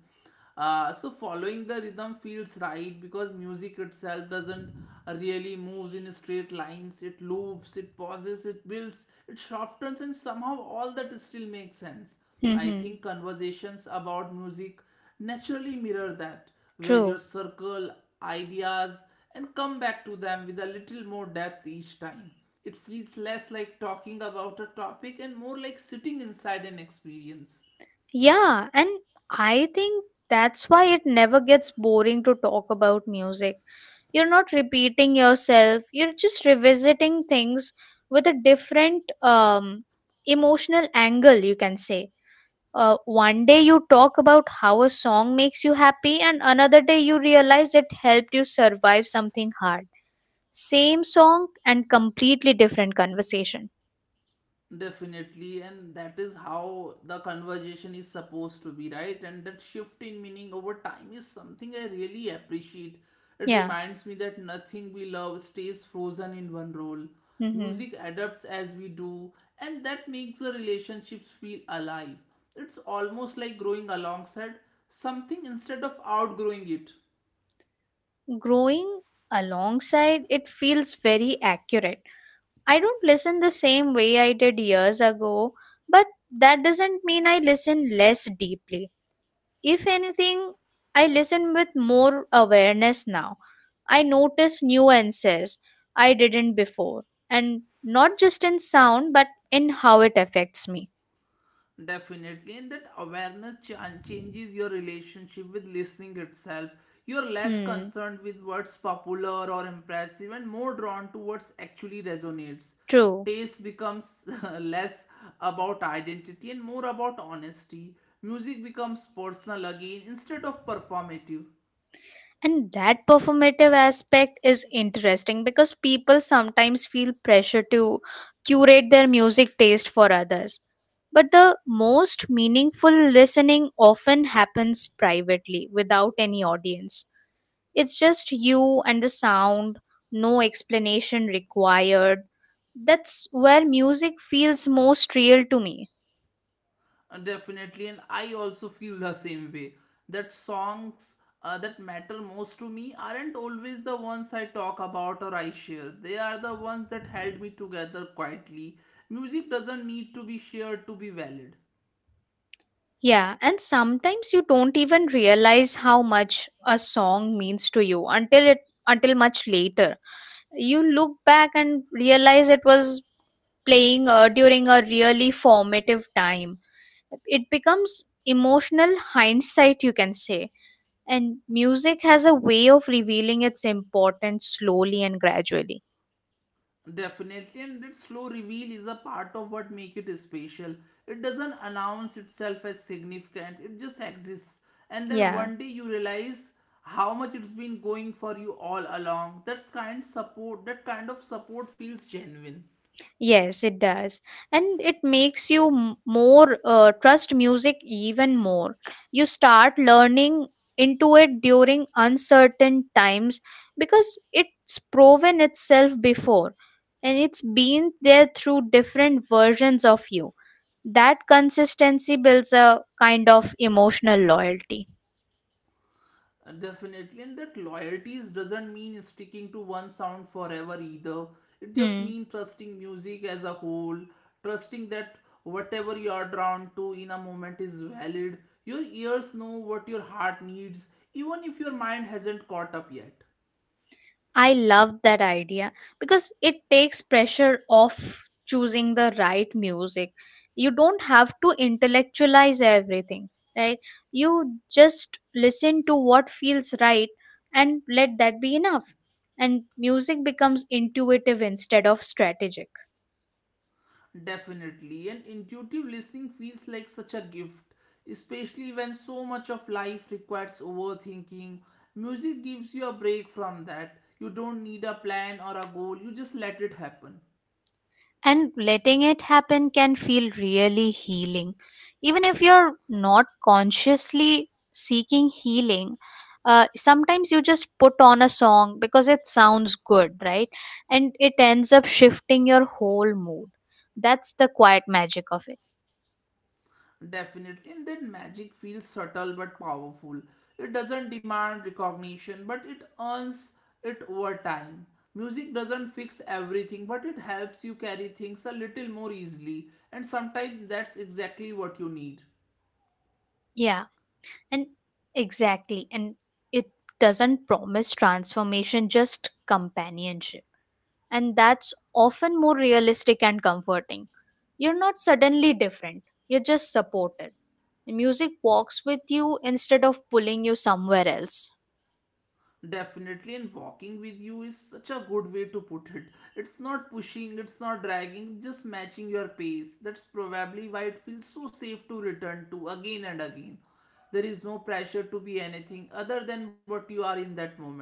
S1: So following the rhythm feels right because music itself doesn't really moves in straight lines. It loops, it pauses, it builds, it softens, and somehow all that still makes sense. I
S2: Mm-hmm.
S1: think conversations about music naturally mirror that, where you
S2: True.
S1: circle ideas and come back to them with a little more depth each time. It feels less like talking about a topic and more like sitting inside an experience.
S2: Yeah, and I think that's why it never gets boring to talk about music. You're not repeating yourself, you're just revisiting things with a different emotional angle, you can say. One day you talk about how a song makes you happy, and another day you realize it helped you survive something hard. Same song and completely different conversation.
S1: Definitely, and that is how the conversation is supposed to be, right? And that shift in meaning over time is something I really appreciate. It
S2: Yeah.
S1: reminds me that nothing we love stays frozen in one role.
S2: Mm-hmm.
S1: Music adapts as we do, and that makes the relationships feel alive. It's almost like growing alongside something instead of outgrowing it.
S2: Growing alongside it feels very accurate. I don't listen the same way I did years ago, but that doesn't mean I listen less deeply. If anything, I listen with more awareness now. I notice nuances I didn't before, and not just in sound but in how it affects me.
S1: Definitely, and that awareness changes your relationship with listening itself. You're less
S2: Hmm,
S1: concerned with what's popular or impressive and more drawn to what's actually resonates.
S2: true.
S1: Taste becomes less about identity and more about honesty. Music becomes personal again instead of performative.
S2: And that performative aspect is interesting because people sometimes feel pressure to curate their music taste for others. But the most meaningful listening often happens privately without any audience. It's just you and the sound, no explanation required. That's where music feels most real to me.
S1: Definitely, and I also feel the same way, that songs that matter most to me aren't always the ones I talk about or I share. They are the ones that held me together quietly. Music doesn't need to be shared to be valid.
S2: Yeah, and sometimes you don't even realize how much a song means to you until it until much later. You look back and realize it was playing during a really formative time. It becomes emotional hindsight, you can say. And music has a way of revealing its importance slowly and gradually.
S1: Definitely, and that slow reveal is a part of what make it special. It doesn't announce itself as significant, it just exists. And then
S2: Yeah.
S1: one day you realize how much it's been going for you all along. That kind of support feels genuine.
S2: Yes, it does. And it makes you more trust music even more. You start learning into it during uncertain times because it's proven itself before, and it's been there through different versions of you. That consistency builds a kind of emotional loyalty.
S1: Definitely, and that loyalties doesn't mean sticking to one sound forever either. It just
S2: Hmm.
S1: means trusting music as a whole, trusting that whatever you are drawn to in a moment is valid. Your ears know what your heart needs, even if your mind hasn't caught up yet.
S2: I love that idea because it takes pressure off choosing the right music. You don't have to intellectualize everything, right? You just listen to what feels right and let that be enough. And music becomes intuitive instead of strategic.
S1: Definitely, and intuitive listening feels like such a gift, especially when so much of life requires overthinking. Music gives you a break from that. You don't need a plan or a goal, you just let it happen.
S2: And letting it happen can feel really healing. Even if you're not consciously seeking healing, sometimes you just put on a song because it sounds good, right? And it ends up shifting your whole mood. That's the quiet magic of it.
S1: Definitely, and that magic feels subtle but powerful. It doesn't demand recognition, but it earns it over time. Music doesn't fix everything, but it helps you carry things a little more easily, and sometimes that's exactly what you need.
S2: Yeah, and exactly. And it doesn't promise transformation, just companionship. And that's often more realistic and comforting. You're not suddenly different, you're just supported. Music walks with you instead of pulling you somewhere else.
S1: Definitely, and walking with you is such a good way to put it. It's not pushing, it's not dragging, just matching your pace. That's probably why it feels so safe to return to again and again. There is no pressure to be anything other than what you are in that moment.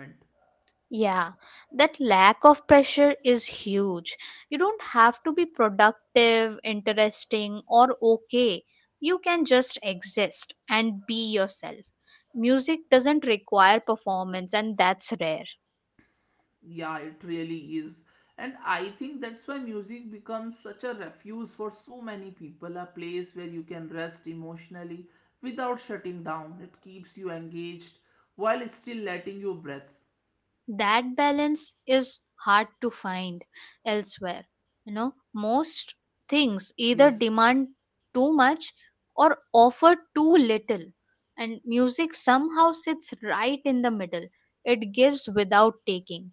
S2: Yeah, that lack of pressure is huge. You don't have to be productive, interesting, or okay. You can just exist and be yourself. Music doesn't require performance, and that's rare.
S1: Yeah, it really is. And I think that's why music becomes such a refuge for so many people, a place where you can rest emotionally without shutting down. It keeps you engaged while still letting you breathe.
S2: That balance is hard to find elsewhere. You know, most things either
S1: Yes.
S2: demand too much or offer too little, and music somehow sits right in the middle. It gives without taking.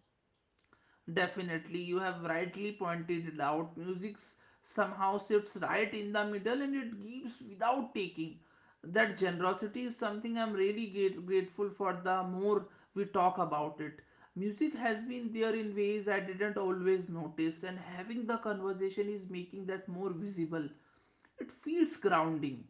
S1: Definitely, you have rightly pointed it out. Somehow sits right in the middle and it gives without taking. That generosity is something I'm really grateful for. The more we talk about it, music has been there in ways I didn't always notice, and having the conversation is making that more visible. It feels grounding.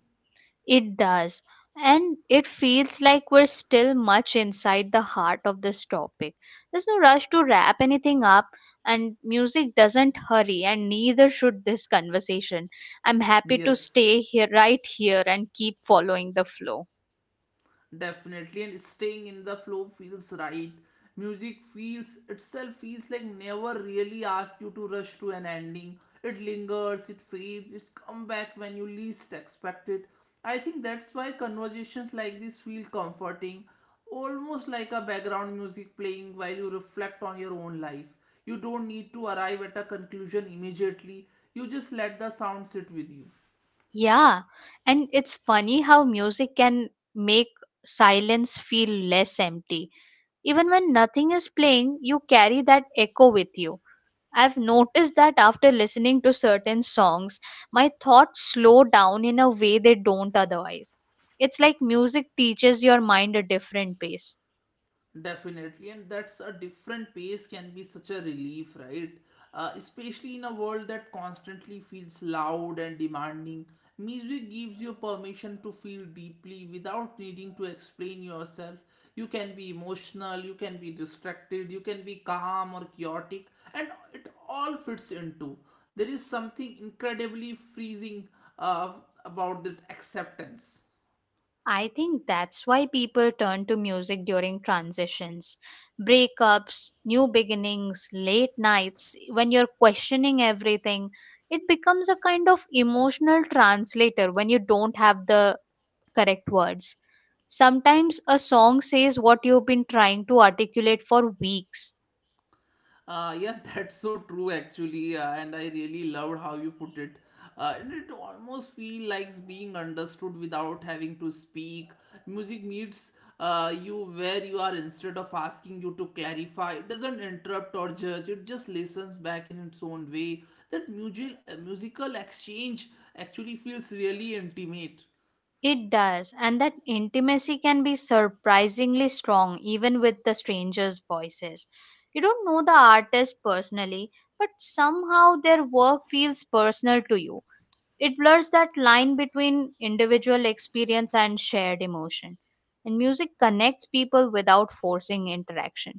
S2: It does. And it feels like we're still much inside the heart of this topic. There's no rush to wrap anything up, and music doesn't hurry, and neither should this conversation. I'm happy to
S1: Yes.
S2: stay here, right here, and keep following the flow.
S1: Definitely, and staying in the flow feels right. Music feels itself feels like never really asks you to rush to an ending. It lingers, it fades, it's come back when you least expect it. I think that's why conversations like this feel comforting, almost like a background music playing while you reflect on your own life. You don't need to arrive at a conclusion immediately, you just let the sound sit with you.
S2: Yeah, and it's funny how music can make silence feel less empty. Even when nothing is playing, you carry that echo with you. I've noticed that after listening to certain songs, my thoughts slow down in a way they don't otherwise. It's like music teaches your mind a different pace.
S1: Definitely, and that's a different pace can be such a relief, right? Especially in a world that constantly feels loud and demanding, music gives you permission to feel deeply without needing to explain yourself. You can be emotional, you can be distracted, you can be calm or chaotic, and it all fits into. There is something incredibly freezing uh, about that acceptance.
S2: I think that's why people turn to music during transitions, breakups, new beginnings, late nights, when you're questioning everything. It becomes a kind of emotional translator when you don't have the correct words. Sometimes a song says what you've been trying to articulate for weeks.
S1: Yeah, that's so true actually, and I really loved how you put it. And it almost feels like being understood without having to speak. Music meets you where you are instead of asking you to clarify. It doesn't interrupt or judge. It just listens back in its own way. That musical exchange actually feels really intimate.
S2: It does, and that intimacy can be surprisingly strong even with the stranger's voices. You don't know the artist personally, but somehow their work feels personal to you. It blurs that line between individual experience and shared emotion. And music connects people without forcing interaction.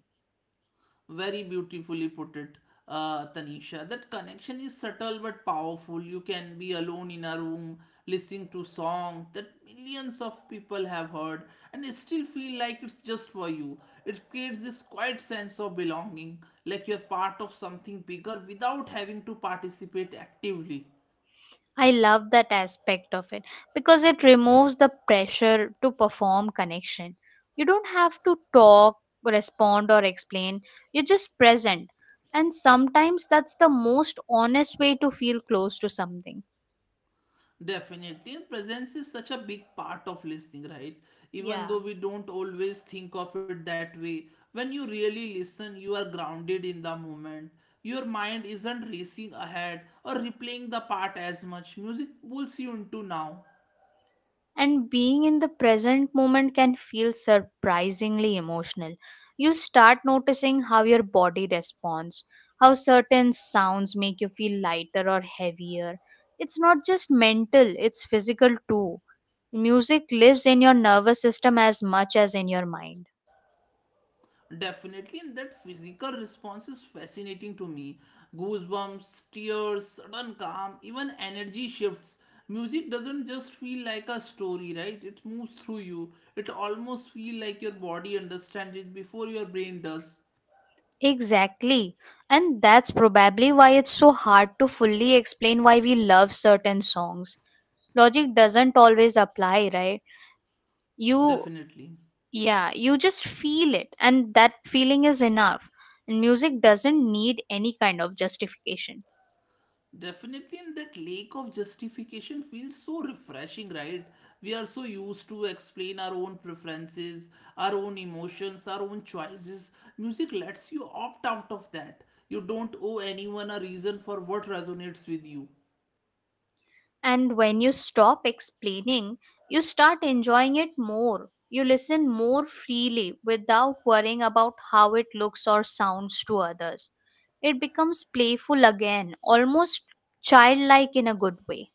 S1: Very beautifully put it, Tanisha. That connection is subtle but powerful. You can be alone in a room listening to song that millions of people have heard and still feel like it's just for you. It creates this quiet sense of belonging, like you're part of something bigger without having to participate actively.
S2: I love that aspect of it because it removes the pressure to perform connection. You don't have to talk, respond, or explain. You're just present. And sometimes that's the most honest way to feel close to something.
S1: Definitely, and presence is such a big part of listening, right? Even
S2: Yeah.
S1: though we don't always think of it that way, when you really listen, you are grounded in the moment. Your mind isn't racing ahead or replaying the part as much. Music pulls you into now.
S2: And being in the present moment can feel surprisingly emotional. You start noticing how your body responds, how certain sounds make you feel lighter or heavier. It's not just mental, it's physical too. Music lives in your nervous system as much as in your mind.
S1: Definitely, and that physical response is fascinating to me. Goosebumps, tears, sudden calm, even energy shifts. Music doesn't just feel like a story, right? It moves through you. It almost feels like your body understands it before your brain does.
S2: Exactly. And that's probably why it's so hard to fully explain why we love certain songs. Logic doesn't always apply, right? you
S1: Definitely.
S2: Yeah, you just feel it, and that feeling is enough. And music doesn't need any kind of justification.
S1: Definitely, and that lake of justification feels so refreshing, right? We are so used to explain our own preferences, our own emotions, our own choices. Music lets you opt out of that. You don't owe anyone a reason for what resonates with you.
S2: And when you stop explaining, you start enjoying it more. You listen more freely without worrying about how it looks or sounds to others. It becomes playful again, almost childlike in a good way.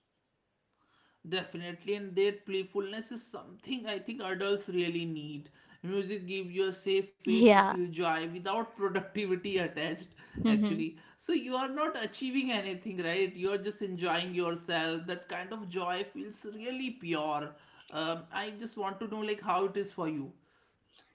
S1: Definitely, and that playfulness is something I think adults really need. Music gives you a safe way to
S2: Yeah.
S1: feel joy without productivity attached, actually. So you are not achieving anything, right? You are just enjoying yourself. That kind of joy feels really pure. I just want to know like how it is for you.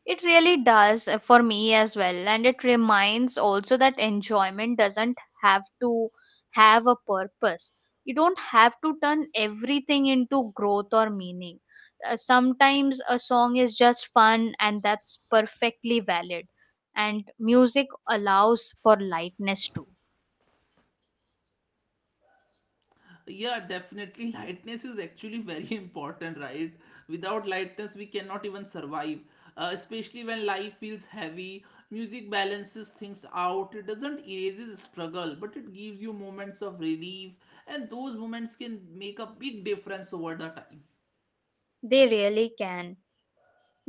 S2: It really does, for me as well. And it reminds also that enjoyment doesn't have to have a purpose. You don't have to turn everything into growth or meaning. Sometimes a song is just fun, and that's perfectly valid. And music allows for lightness too.
S1: Yeah, definitely, lightness is actually very important, right? Without lightness we cannot even survive, especially when life feels heavy. Music balances things out. It doesn't erases struggle but it gives you moments of relief, and those moments can make a big difference over the time.
S2: They really can.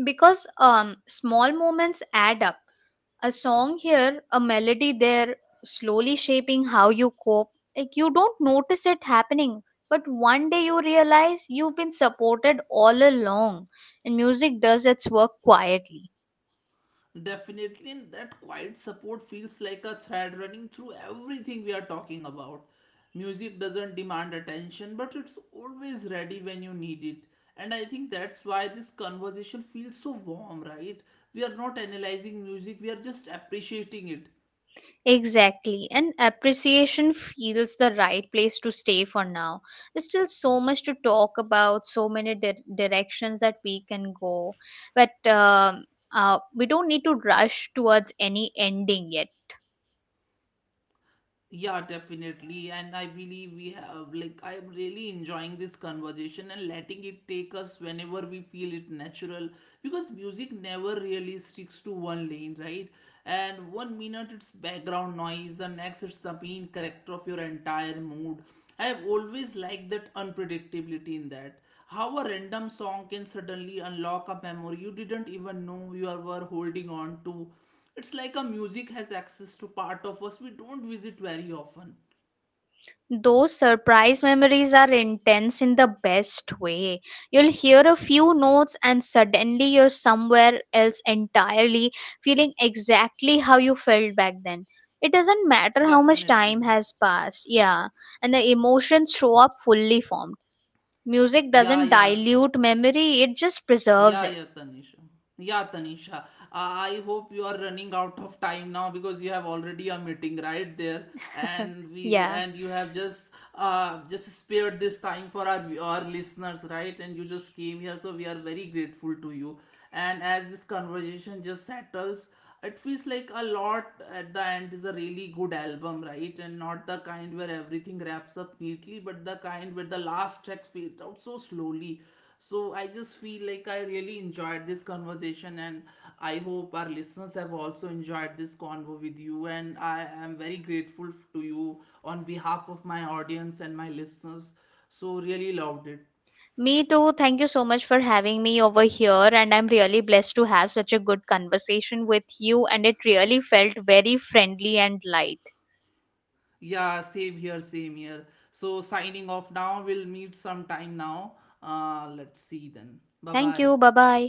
S2: Because small moments add up. A song here, a melody there, slowly shaping how you cope. Like you don't notice it happening, but one day you realize you've been supported all along, and music does its work quietly.
S1: Definitely, and that quiet support feels like a thread running through everything we are talking about. Music doesn't demand attention, but it's always ready when you need it. And I think that's why this conversation feels so warm, right? We are not analyzing music, we are just appreciating it.
S2: Exactly, and appreciation feels the right place to stay for now. There's still so much to talk about, so many directions that we can go, but we don't need to rush towards any ending yet.
S1: Yeah, definitely. And I believe we have, like, I am really enjoying this conversation and letting it take us whenever we feel it natural, because music never really sticks to one lane, right? And one minute it's background noise, the next it's the main character of your entire mood. I have always liked that unpredictability in that. How a random song can suddenly unlock a memory you didn't even know you were holding on to. It's like a music has access to part of us we don't visit very often.
S2: Those surprise memories are intense in the best way. You'll hear a few notes and suddenly you're somewhere else entirely, feeling exactly how you felt back then. It doesn't matter how much time
S1: Definitely.
S2: has passed, yeah, and the emotions show up fully formed. Music
S1: Yeah,
S2: doesn't
S1: yeah.
S2: dilute memory, it just preserves
S1: Yeah,
S2: it.
S1: yeah, Tanisha. Yeah, Tanisha. I hope you are running out of time now because you have already a meeting right there, and we
S2: yeah.
S1: and you have just spared this time for our listeners, right? And you just came here, so we are very grateful to you. And as this conversation just settles, it feels like a lot at the end is a really good album, right? And not the kind where everything wraps up neatly, but the kind where the last track fades out so slowly. So I just feel like I really enjoyed this conversation, and I hope our listeners have also enjoyed this convo with you, and I am very grateful to you on behalf of my audience and my listeners. So really loved it.
S2: Me too. Thank you so much for having me over here. And I'm really blessed to have such a good conversation with you. And it really felt very friendly and light.
S1: Yeah, same here, same here. So signing off now. We'll meet sometime now. Let's see then. Bye
S2: Thank
S1: bye.
S2: you. Bye bye.